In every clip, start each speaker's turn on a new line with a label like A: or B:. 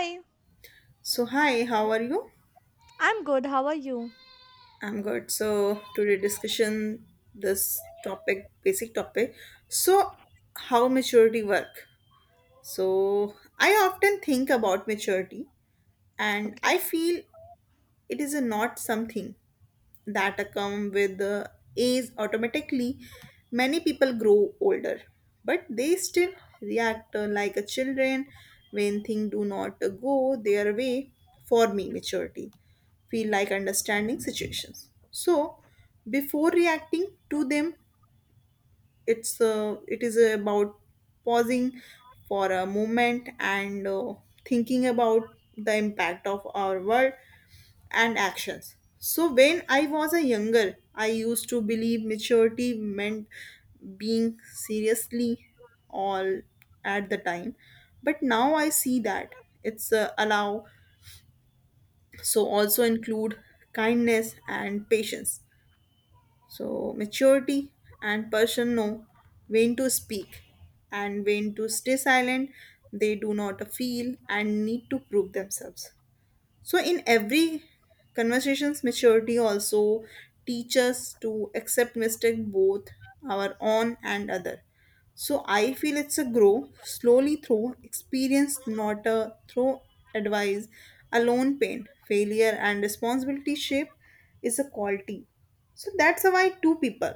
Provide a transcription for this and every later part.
A: Hi,
B: So hi, how are you?
A: I'm good. How are you?
B: I'm good. So today discussion this topic, basic topic. So how maturity work? So I often think about maturity and
A: Okay.
B: I feel it is a not something. That come with age automatically, many people grow older but they still react like a children when things do not go their way. For me maturity feel like understanding situations, so before reacting to them, it is about pausing for a moment and thinking about the impact of our world and actions. So, when I was a younger, I used to believe maturity meant being seriously all at the time. But now I see that it's allow, so also include kindness and patience. So, maturity and person know when to speak and when to stay silent. They do not feel and need to prove themselves. So in every conversations, maturity also teaches to accept mistake both our own and other. So I feel it's a grow slowly through experience, not a through advice, alone pain, failure and responsibility shape is a quality. So that's why two people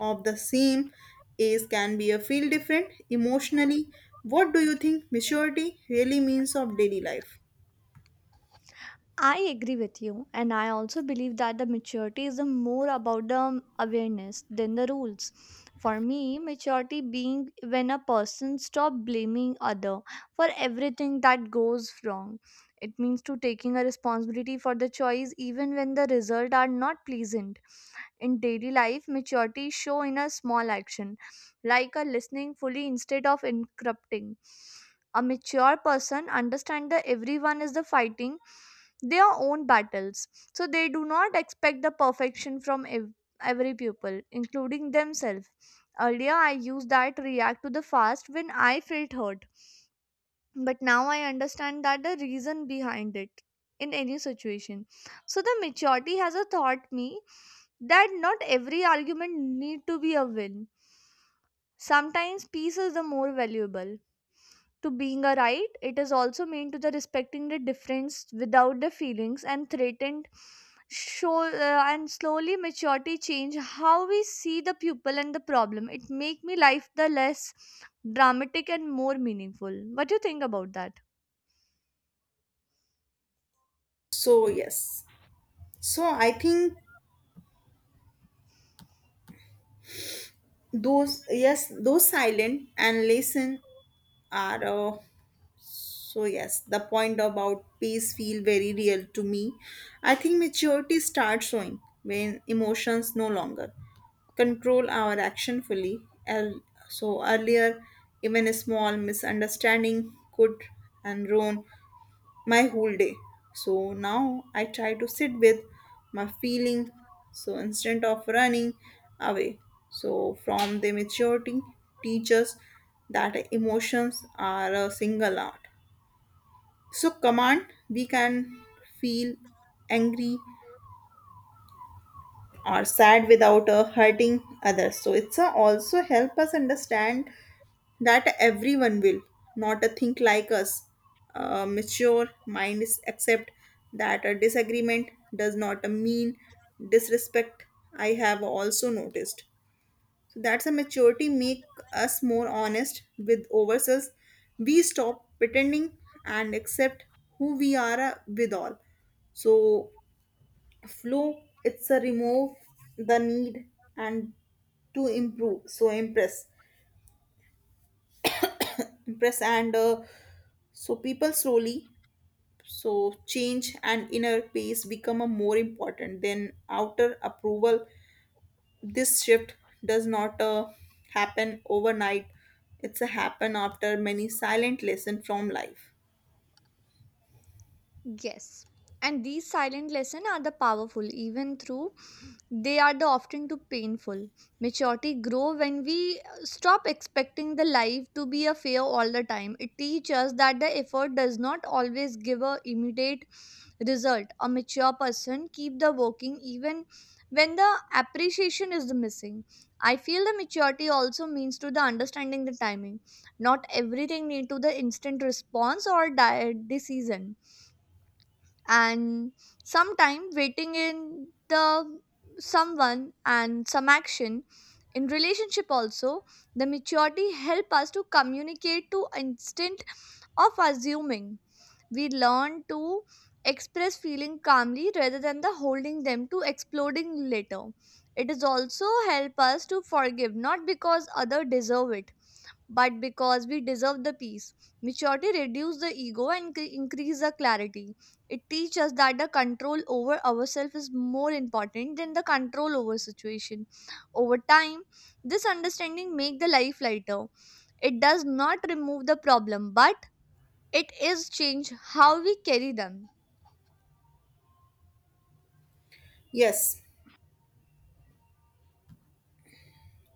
B: of the same age can be a feel different emotionally. What do you think maturity really means of daily life?
A: I agree with you, and I also believe that the maturity is more about the awareness than the rules. For me, maturity being when a person stop blaming other for everything that goes wrong. It means to taking a responsibility for the choice even when the result are not pleasant. In daily life, maturity show in a small action, like a listening fully instead of interrupting. A mature person understand that everyone is the fighting their own battles, so they do not expect the perfection from every pupil, including themselves. Earlier, I used that react to the fast when I felt hurt, but now I understand that the reason behind it in any situation. So the maturity has a taught me that not every argument need to be a win. Sometimes peace is the more valuable. To being a right, it is also mean to the respecting the difference without the feelings and threatened show and slowly maturity change how we see the pupil and the problem. It make me life the less dramatic and more meaningful. What do you think about that?
B: So yes. So I think those yes those silent and listen are so yes the point about pace feel very real to me. I think maturity starts showing when emotions no longer control our action fully. El- So earlier even a small misunderstanding could and ruin my whole day. So now I try to sit with my feeling. So instead of running away, so from the maturity teaches that emotions are a single art. So command we can feel angry, or sad without hurting others, so it's also help us understand that everyone will not think like us. Mature mind is accept that a disagreement does not mean disrespect. I have also noticed so that's a maturity make us more honest with ourselves. We stop pretending and accept who we are with all so flow it's a remove the need and to improve so impress and So people slowly so change, and inner peace become a more important than outer approval. This shift does not happen overnight, it's a happen after many silent lesson from life.
A: Yes. And these silent lessons are the powerful even through they are the often too painful. Maturity grow when we stop expecting the life to be a fair all the time. It teaches us that the effort does not always give a immediate result. A mature person keep the working even when the appreciation is missing. I feel the maturity also means to the understanding the timing. Not everything need to the instant response or decision, and sometime waiting in the someone and some action in relationship also the maturity help us to communicate to instant of assuming. We learn to express feeling calmly rather than the holding them to exploding later. It is also help us to forgive not because other deserve it, but because we deserve the peace. Maturity reduces the ego and increase the clarity. It teaches us that the control over ourselves is more important than the control over situation. Over time, this understanding make the life lighter. It does not remove the problem, but it is change how we carry them.
B: Yes.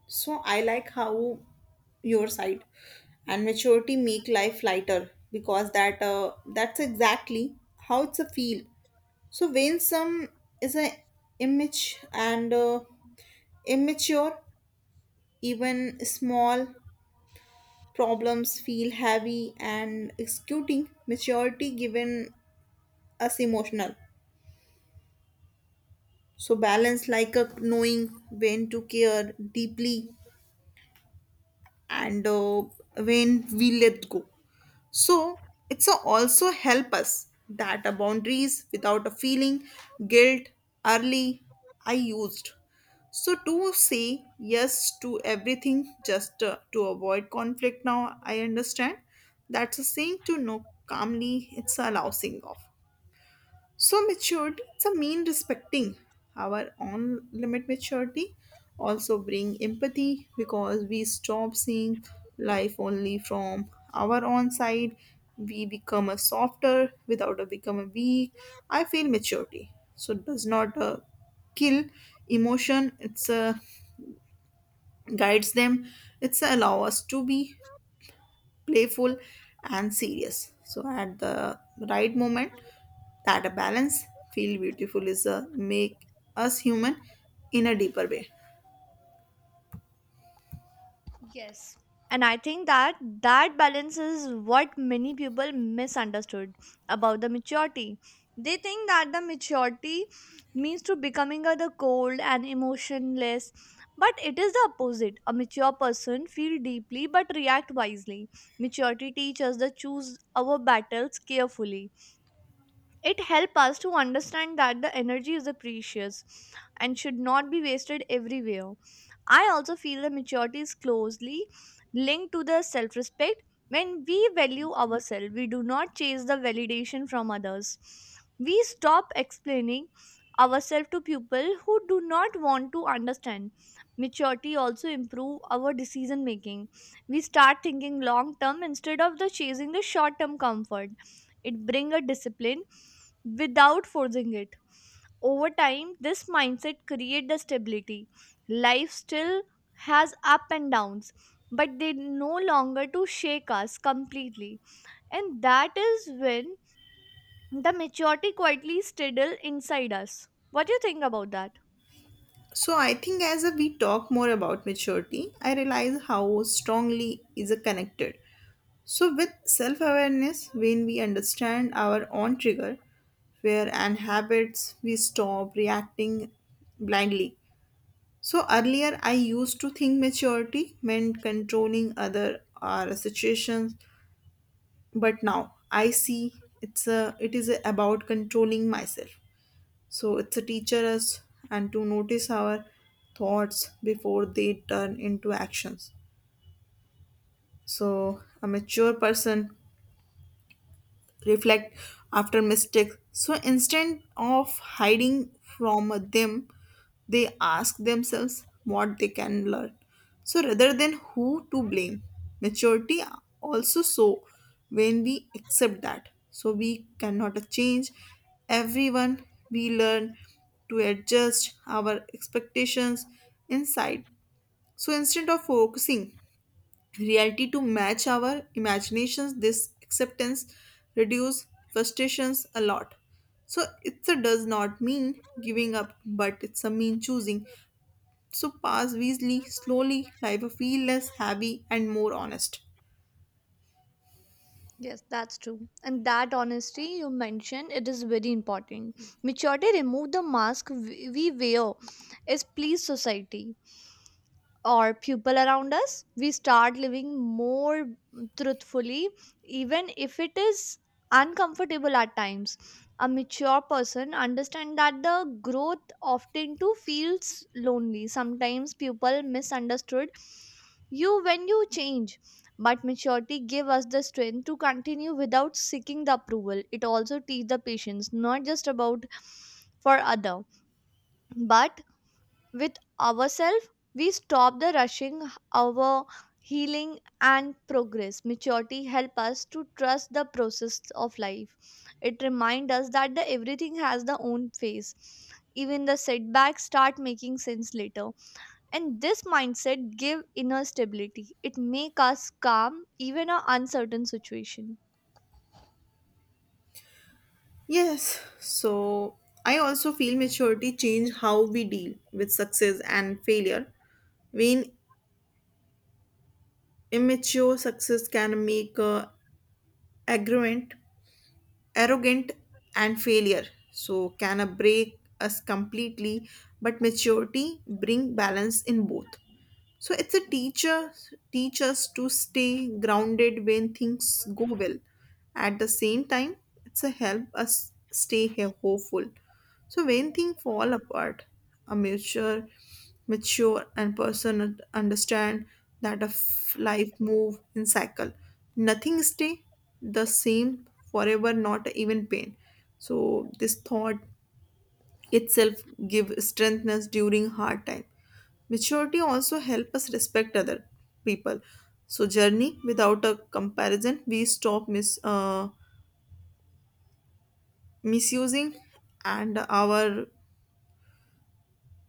B: So I like how your side and maturity make life lighter, because that's exactly how it's a feel. So some is a image and immature, even small problems feel heavy and executing maturity given us emotional. So balance like a knowing when to care deeply and when we let go. So it's a also help us that a boundaries without a feeling guilt early I used. So to say yes to everything just to avoid conflict, now I understand that's a saying to no calmly, it's a lousing off. So maturity it's mean respecting our own limit. Maturity also bring empathy because we stop seeing life only from our own side. We become a softer without a become a weak. I feel maturity so it does not kill emotion, it's guides them, it's allow us to be playful and serious. So at the right moment, that a balance feel beautiful, is a make us human in a deeper way.
A: Yes. And I think that that balance is what many people misunderstood about the maturity. They think that the maturity means to becoming a the cold and emotionless, but it is the opposite. A mature person feel deeply but react wisely. Maturity teaches us to choose our battles carefully. It helps us to understand that the energy is a precious and should not be wasted everywhere. I also feel that maturity is closely linked to the self respect. When we value ourselves, we do not chase the validation from others. We stop explaining ourselves to people who do not want to understand. Maturity also improve our decision making. We start thinking long term instead of the chasing the short term comfort. It brings a discipline without forcing it. Over time, this mindset creates the stability. Life still has up and downs, but they no longer to shake us completely, and that is when the maturity quietly straddle inside us. What do you think about that?
B: So I think as we talk more about maturity, I realize how strongly is a connected. So with self-awareness, when we understand our own trigger, where and habits, we stop reacting blindly. So earlier, I used to think maturity meant controlling other or situations, but now I see it is about controlling myself. So it's a teacher us and to notice our thoughts before they turn into actions. So a mature person reflect after mistakes. So instead of hiding from them, they ask themselves what they can learn. So rather than who to blame, maturity also so when we accept that. So we cannot change everyone. We learn to adjust our expectations inside. So instead of focusing reality to match our imaginations, this acceptance reduces frustrations a lot. So it does not mean giving up, but it's a mean choosing so pass wisely. Slowly life will feel less heavy and more honest.
A: Yes, that's true. And that honesty you mentioned, it is very important. Maturity remove the mask we wear is please society or people around us. We start living more truthfully, even if it is uncomfortable at times. A mature person understand that the growth often too feels lonely. Sometimes people misunderstood you when you change, but maturity give us the strength to continue without seeking the approval. It also teach the patience, not just about for other, but with ourselves. We stop the rushing our healing and progress. Maturity help us to trust the process of life. It reminds us that the everything has the own phase. Even the setbacks start making sense later. And this mindset give inner stability. It make us calm even a uncertain situation.
B: Yes, so I also feel maturity change how we deal with success and failure. When immature, success can make aggravant arrogant, and failure so can a break us completely. But maturity bring balance in both. So it's a teacher teach us to stay grounded when things go well. At the same time, it's a help us stay hopeful. So when things fall apart, a mature and person understand that a life move in cycle. Nothing stay the same forever, not even pain. So this thought itself give strengthness during hard time. Maturity also help us respect other people. So journey without a comparison, we stop misusing and our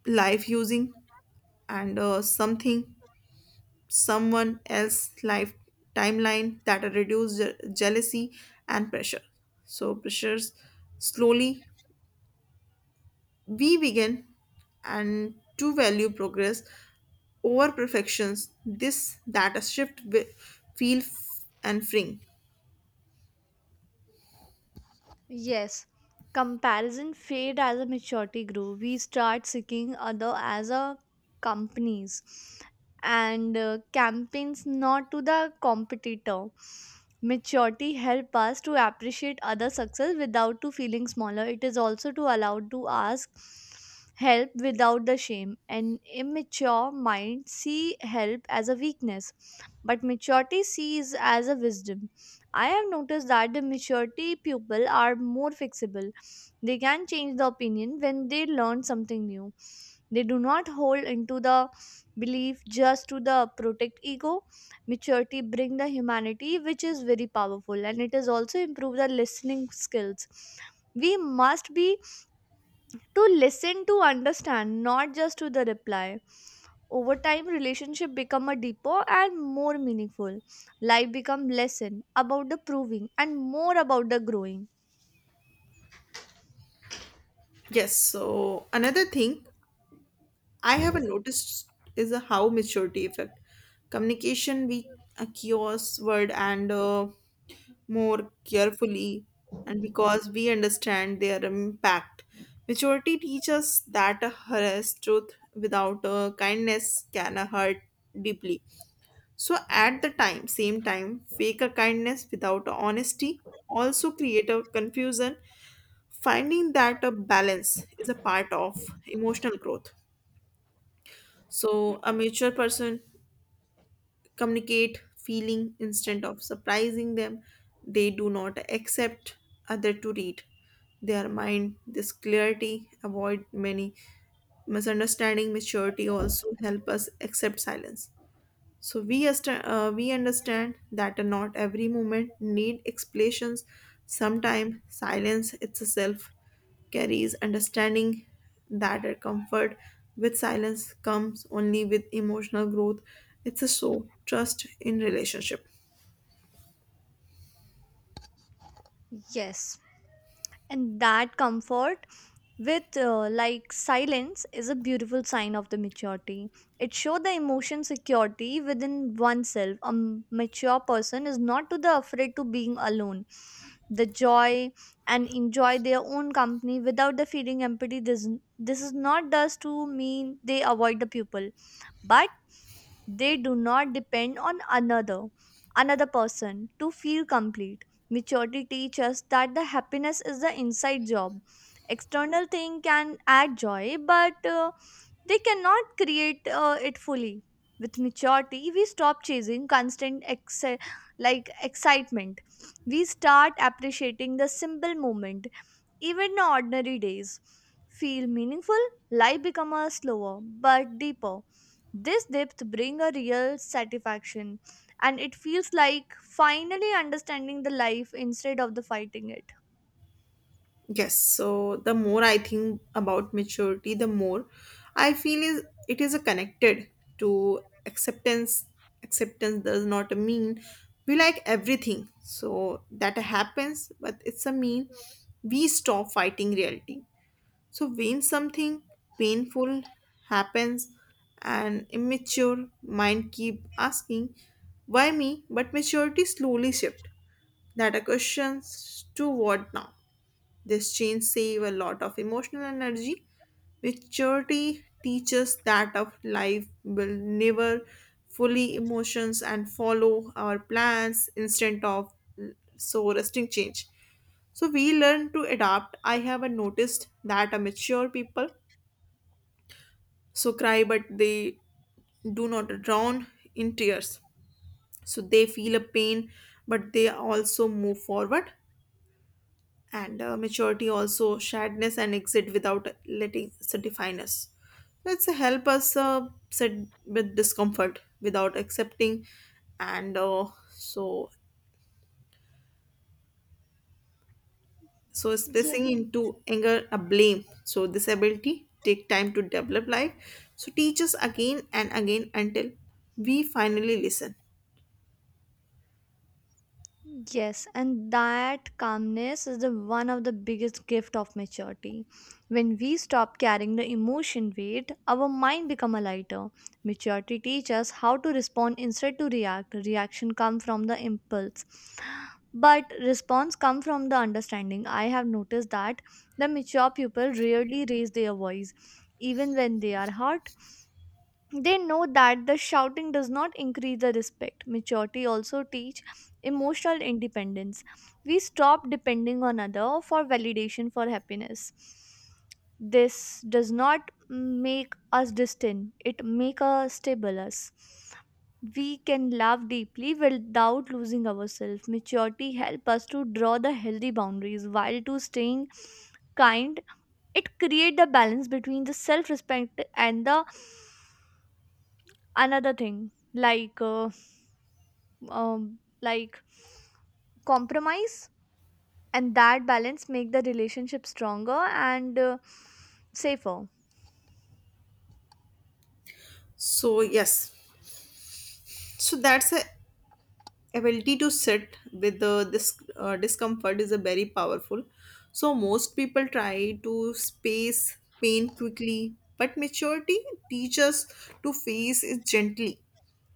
B: life using and something someone else life timeline, that reduce jealousy and pressure. So pressures slowly we begin and to value progress over perfections. This that a shift feel and freeing.
A: Yes, comparison fade as a maturity grew. We start seeking other as a companies and campaigns, not to the competitor. Maturity help us to appreciate other success without to feeling smaller. It is also to allow to ask help without the shame. An immature mind see help as a weakness, but maturity sees as a wisdom. I have noticed that the maturity people are more flexible. They can change the opinion when they learn something new. They do not hold into the belief just to the protect ego. Maturity bring the humanity, which is very powerful, and it is also improve the listening skills. We must be to listen to understand, not just to the reply. Over time, relationship become a deeper and more meaningful. Life become lesson about the proving and more about the growing.
B: Yes, so another thing I haven't noticed is a how maturity effect. Communication we accuse word and more carefully, and because we understand their impact. Maturity teaches that a harassed truth without a kindness can hurt deeply. So at the time, same time, fake a kindness without honesty also create a confusion. Finding that a balance is a part of emotional growth. So a mature person communicate feeling instead of surprising them. They do not accept other to read their mind. This clarity avoid many misunderstanding. Maturity also help us accept silence. So we we understand that not every movement need explanations. Sometimes silence itself carries understanding, that our comfort with silence comes only with emotional growth. It's a so trust in relationship.
A: Yes, and that comfort with like silence is a beautiful sign of the maturity. It shows the emotion security within oneself. A mature person is not to the afraid to being alone. The joy and enjoy their own company without the feeling empathy. This is not does to mean they avoid the people, but they do not depend on another person to feel complete. Maturity teaches us that the happiness is the inside job. External thing can add joy, but they cannot create it fully. With maturity, we stop chasing constant excitement. We start appreciating the simple moment. Even the ordinary days feel meaningful. Life become a slower but deeper. This depth bring a real satisfaction, and it feels like finally understanding the life instead of the fighting it.
B: Yes, so the more I think about maturity, the more I feel is it is a connected to acceptance. Acceptance does not mean we like everything. So that happens, but it's a mean we stop fighting reality. So when something painful happens, an immature mind keep asking, why me? But maturity slowly shift. That a question to what now? This change save a lot of emotional energy. Maturity teaches that of life will never fully emotions and follow our plans instead of so resting change. So we learn to adapt. I have noticed that a mature people so cry, but they do not drown in tears. So they feel a pain, but they also move forward. And maturity also sadness and exit without letting so define us. Let's help us sit with discomfort without accepting and so so
A: Yeah.
B: expressing into anger a blame, so disability take time to develop life so teach us again and again until we finally listen.
A: Yes, and that calmness is the one of the biggest gift of maturity. When we stop carrying the emotion weight, our mind become a lighter. Maturity teaches us how to respond instead to react. Reaction come from the impulse, but response come from the understanding. I have noticed that the mature people rarely raise their voice, even when they are hurt. They know that the shouting does not increase the respect. Maturity also teach emotional independence. We stop depending on other for validation, for happiness. This does not make us distant, it make us stable us. We can love deeply without losing ourselves. Maturity help us to draw the healthy boundaries while to staying kind. It create the balance between the self respect and the another thing like um, like compromise, and that balance make the relationship stronger and safer.
B: So yes, so that's it ability to sit with the this discomfort is a very powerful. So most people try to space pain quickly, but maturity teaches to face it gently.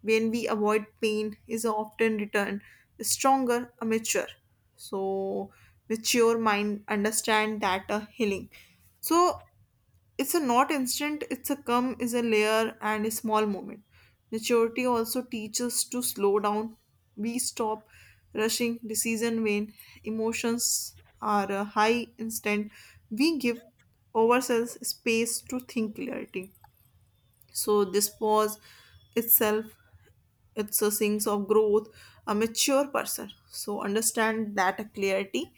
B: When we avoid pain is often returned stronger. A so mature mind understand that a healing so it's a not instant, it's a come is a layer and a small moment. Maturity also teaches to slow down. We stop rushing decision when emotions are high instant. We give ourselves space to think clarity, so this pause itself it's a sense of growth. A mature person so understand that clarity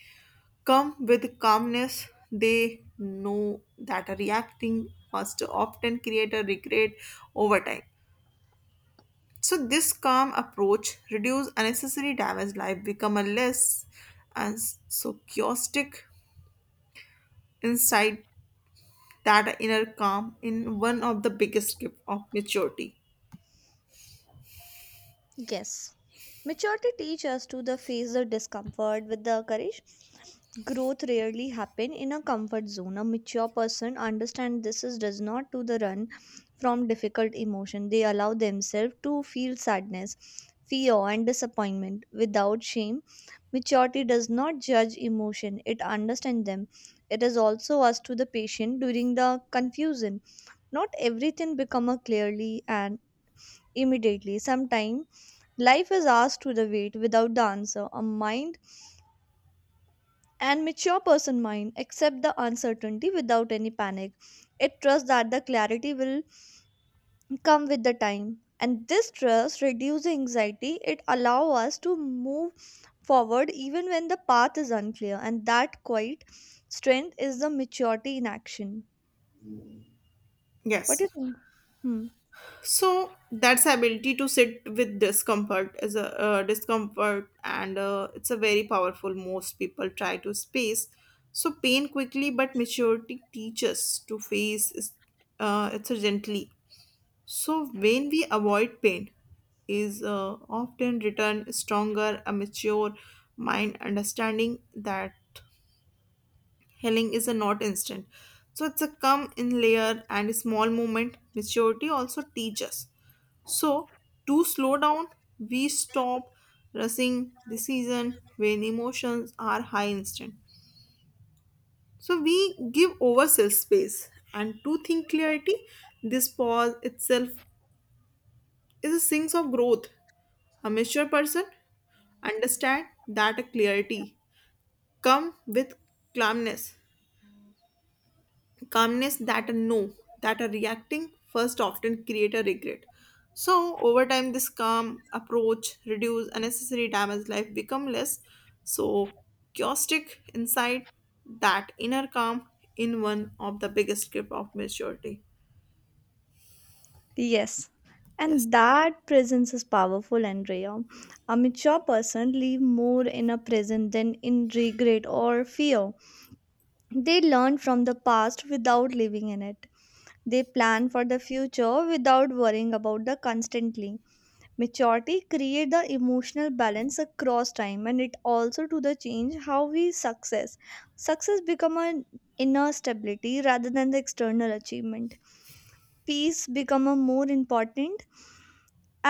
B: come with calmness. They know that reacting must often create a regret over time. So this calm approach reduce unnecessary damage. Life become a less and so chaotic insight, that inner calm in one of the biggest gift of maturity.
A: Yes. Maturity teaches us to the face the discomfort with the courage. Growth rarely happen in a comfort zone. A mature person understand this is does not to the run from difficult emotion. They allow themselves to feel sadness, fear and disappointment without shame. Maturity does not judge emotion. It understands them. It is also us to the patient during the confusion. Not everything become a clearly and immediately. Sometimes life is asked to the wait without the answer. A mind and mature person mind accept the uncertainty without any panic. It trusts that the clarity will come with the time. And this trust reduces anxiety. It allows us to move forward even when the path is unclear. And that quiet strength is the maturity in action. What do
B: Yes.
A: you think? Hmm.
B: So that's the ability to sit with discomfort and it's a very powerful. Most people try to space so pain quickly, but maturity teaches to face it's a gently. So when we avoid pain is often return stronger. A mature mind understanding that healing is a not instant, so it's a come in layer and a small moment. Maturity also teaches so, to slow down, we stop rushing decision when emotions are high instant. So we give ourselves space and to think clarity, this pause itself is a sense of growth. A mature person understand that clarity come with calmness. Calmness that a no, That a reacting first often create a regret. So over time, this calm approach reduce unnecessary damage, life become less. So chaotic insight, that inner calm in one of the biggest grip of maturity.
A: Yes,
B: Yes.
A: and that presence is powerful, Andrea. A mature person live more in a present than in regret or fear. They learn from the past without living in it. They plan for the future without worrying about the constantly. Maturity create the emotional balance across time, and it also to the change how we success. Success become an inner stability rather than the external achievement. Peace become a more important,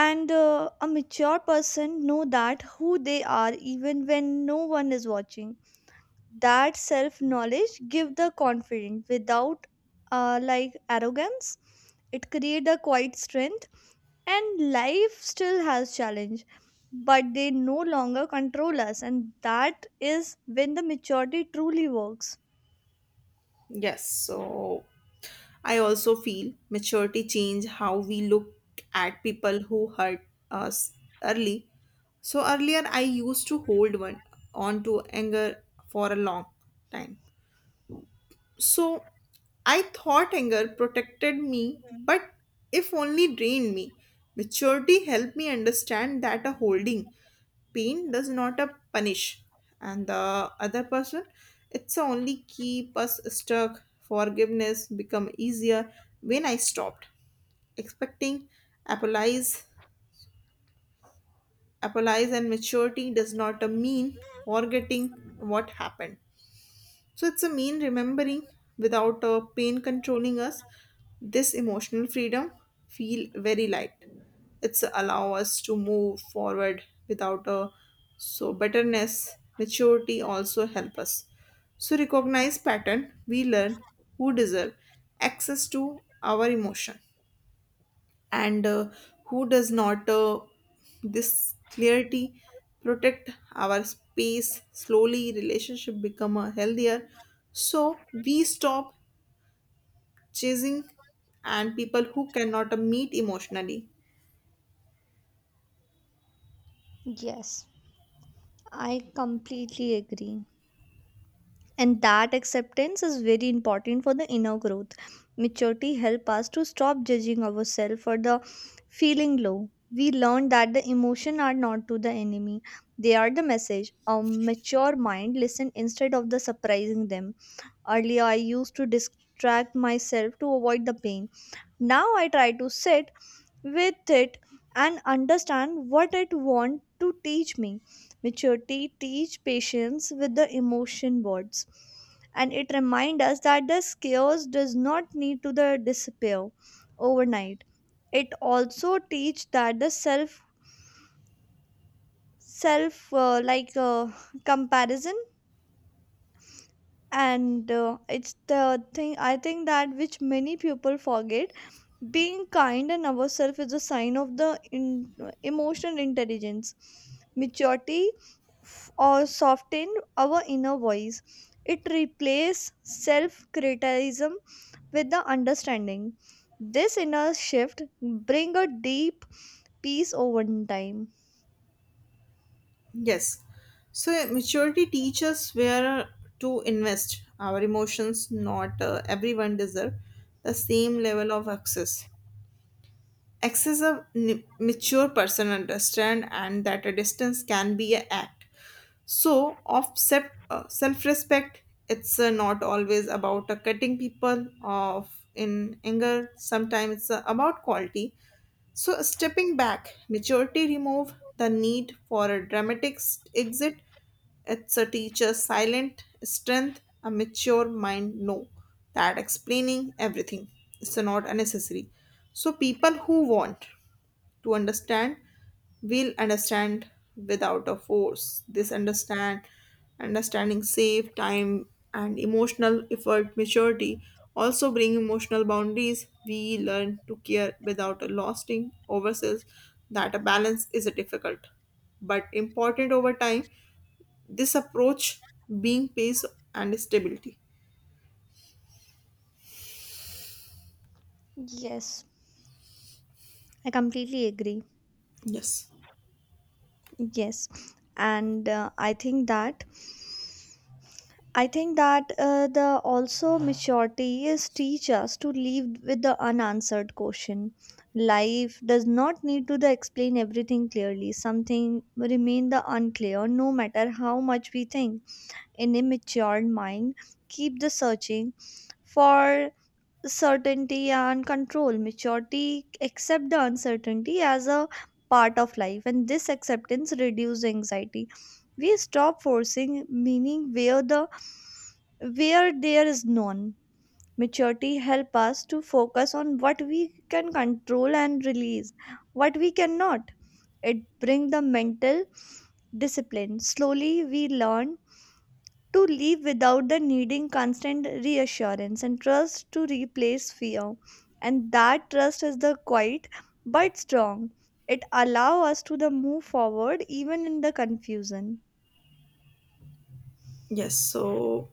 A: and a mature person know that who they are even when no one is watching. That self knowledge give the confidence without like arrogance. It create a quiet strength, and life still has challenge, but they no longer control us, and that is when the maturity truly works.
B: Yes. So I also feel maturity change how we look at people who hurt us early. So earlier I used to hold one on to anger for a long time. So I thought anger protected me, but if only drained me. Maturity helped me understand that a holding pain does not a punish, and the other person, it's a only keep us stuck. Forgiveness become easier when I stopped expecting apologize, apologize, and maturity does not mean forgetting what happened. So it's a mean remembering without a pain controlling us. This emotional freedom feel very light. It's allow us to move forward without a so bitterness. Maturity also help us. So recognize pattern, we learn who deserve access to our emotion and who does not this clarity protect our space. Slowly relationship become a healthier, so we stop chasing and people who cannot meet emotionally.
A: Yes, I completely agree, and that acceptance is very important for the inner growth. Maturity help us to stop judging ourselves for the feeling low. We learn that the emotion are not to the enemy, they are the message. A mature mind listen instead of the surprising them. Earlier, I used to distract myself to avoid the pain. Now I try to sit with it and understand what it want to teach me. Maturity teach patience with the emotion words. And it remind us that the chaos does not need to the disappear overnight. It also teach that the self comparison, and it's the thing I think that which many people forget. Being kind and ourselves is a sign of emotional intelligence. Maturity or soften our inner voice. It replaces self criticism with the understanding. This inner shift bring a deep peace over time.
B: Yes, so maturity teaches where to invest our emotions, not everyone deserve the same level of access. A mature person understand and that a distance can be an act. So, of self respect, it's not always about cutting people off in anger, sometimes it's about quality. So, stepping back, maturity remove the need for a dramatic exit. It's a teacher's silent strength, a mature mind know that explaining everything is not unnecessary. So, people who want to understand we will understand without a force. This understand understanding save time and emotional effort. Maturity also bring emotional boundaries, we learn to care without a lasting oversells. That a balance is a difficult but important. Over time, this approach being pace and stability.
A: Yes, I completely agree.
B: Yes.
A: Yes, and I think that the also maturity is teach us to leave with the unanswered question. Life does not need to the explain everything clearly. Something remain the unclear, no matter how much we think. An immature mind keep the searching for certainty and control. Maturity accept the uncertainty as a part of life, and this acceptance reduce anxiety. We stop forcing meaning where there is none. Maturity help us to focus on what we can control and release what we cannot. It bring the mental discipline. Slowly we learn to live without the needing constant reassurance, and trust to replace fear, and that trust is the quiet but strong. It allow us to the move forward even in the confusion.
B: Yes. So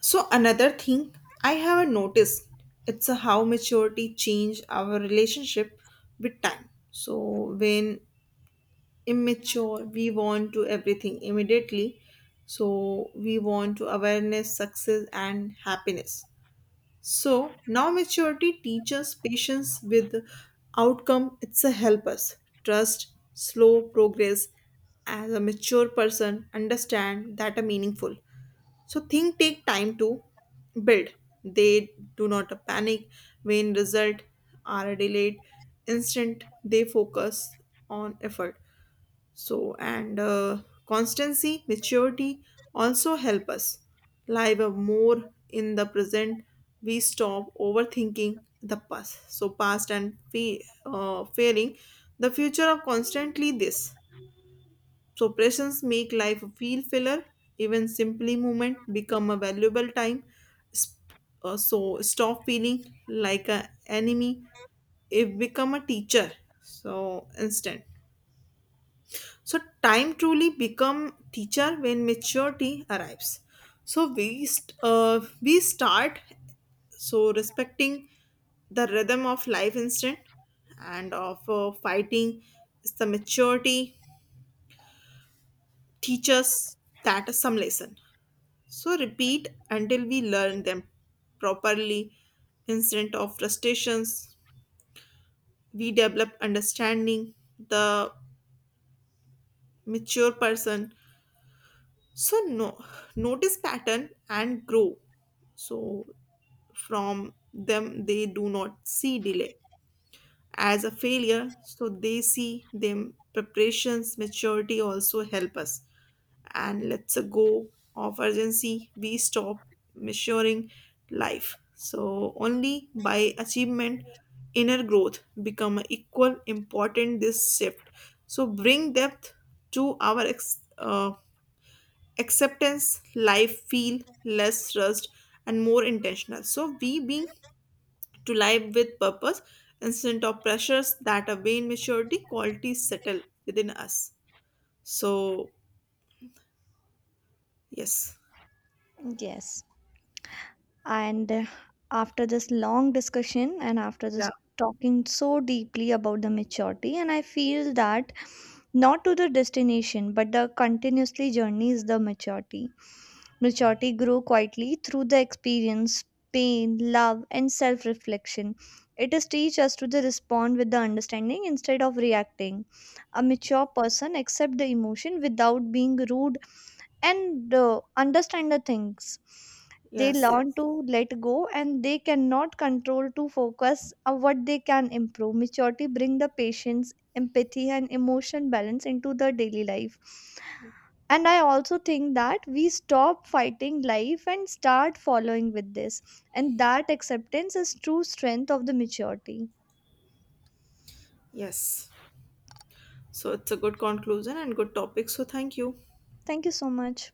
B: Another thing I haven't noticed it's a how maturity change our relationship with time. So when immature we want to everything immediately. So we want to awareness, success and happiness. So now maturity teaches patience with outcome, it's a help us trust slow progress as a mature person understand that are meaningful so things take time to build. They do not panic when results are delayed. Instant they focus on effort. So and constancy, maturity also help us live a more in the present. We stop overthinking the past. So past and fearing the future of constantly this. So presence make life feel filler. Even simply movement become a valuable time. Sp- so stop feeling like a enemy. It become a teacher. So instant. So time truly become teacher when maturity arrives. So we we start so respecting the rhythm of life instant and of fighting the maturity teaches that some lesson so repeat until we learn them properly. Instead of frustrations, we develop understanding the mature person. So no, notice pattern and grow. So from them they do not see delay as a failure, so they see them preparations. Maturity also help us and let's go of urgency, we stop measuring life so only by achievement. Inner growth become equal important, this shift so bring depth to our acceptance. Life feel less rushed and more intentional, so we being to live with purpose instead of pressures that a vain maturity qualities settle within us. So, yes,
A: Yes. And after this long discussion and after
B: yeah,
A: this talking so deeply about the maturity, and I feel that not to the destination but the continuously journey is the maturity. Maturity grow quietly through the experience, pain, love, and self reflection. It is teach us to the respond with the understanding instead of reacting. A mature person accept the emotion without being rude and understand the things. They
B: yes,
A: learn to
B: yes,
A: let go and they cannot control to focus on what they can improve. Maturity bring the patience, empathy and emotion balance into the daily life, and I also think that we stop fighting life and start following with this, and that acceptance is true strength of the maturity.
B: yes. So, it's a good conclusion and good topic. So, thank you.
A: Thank you so much.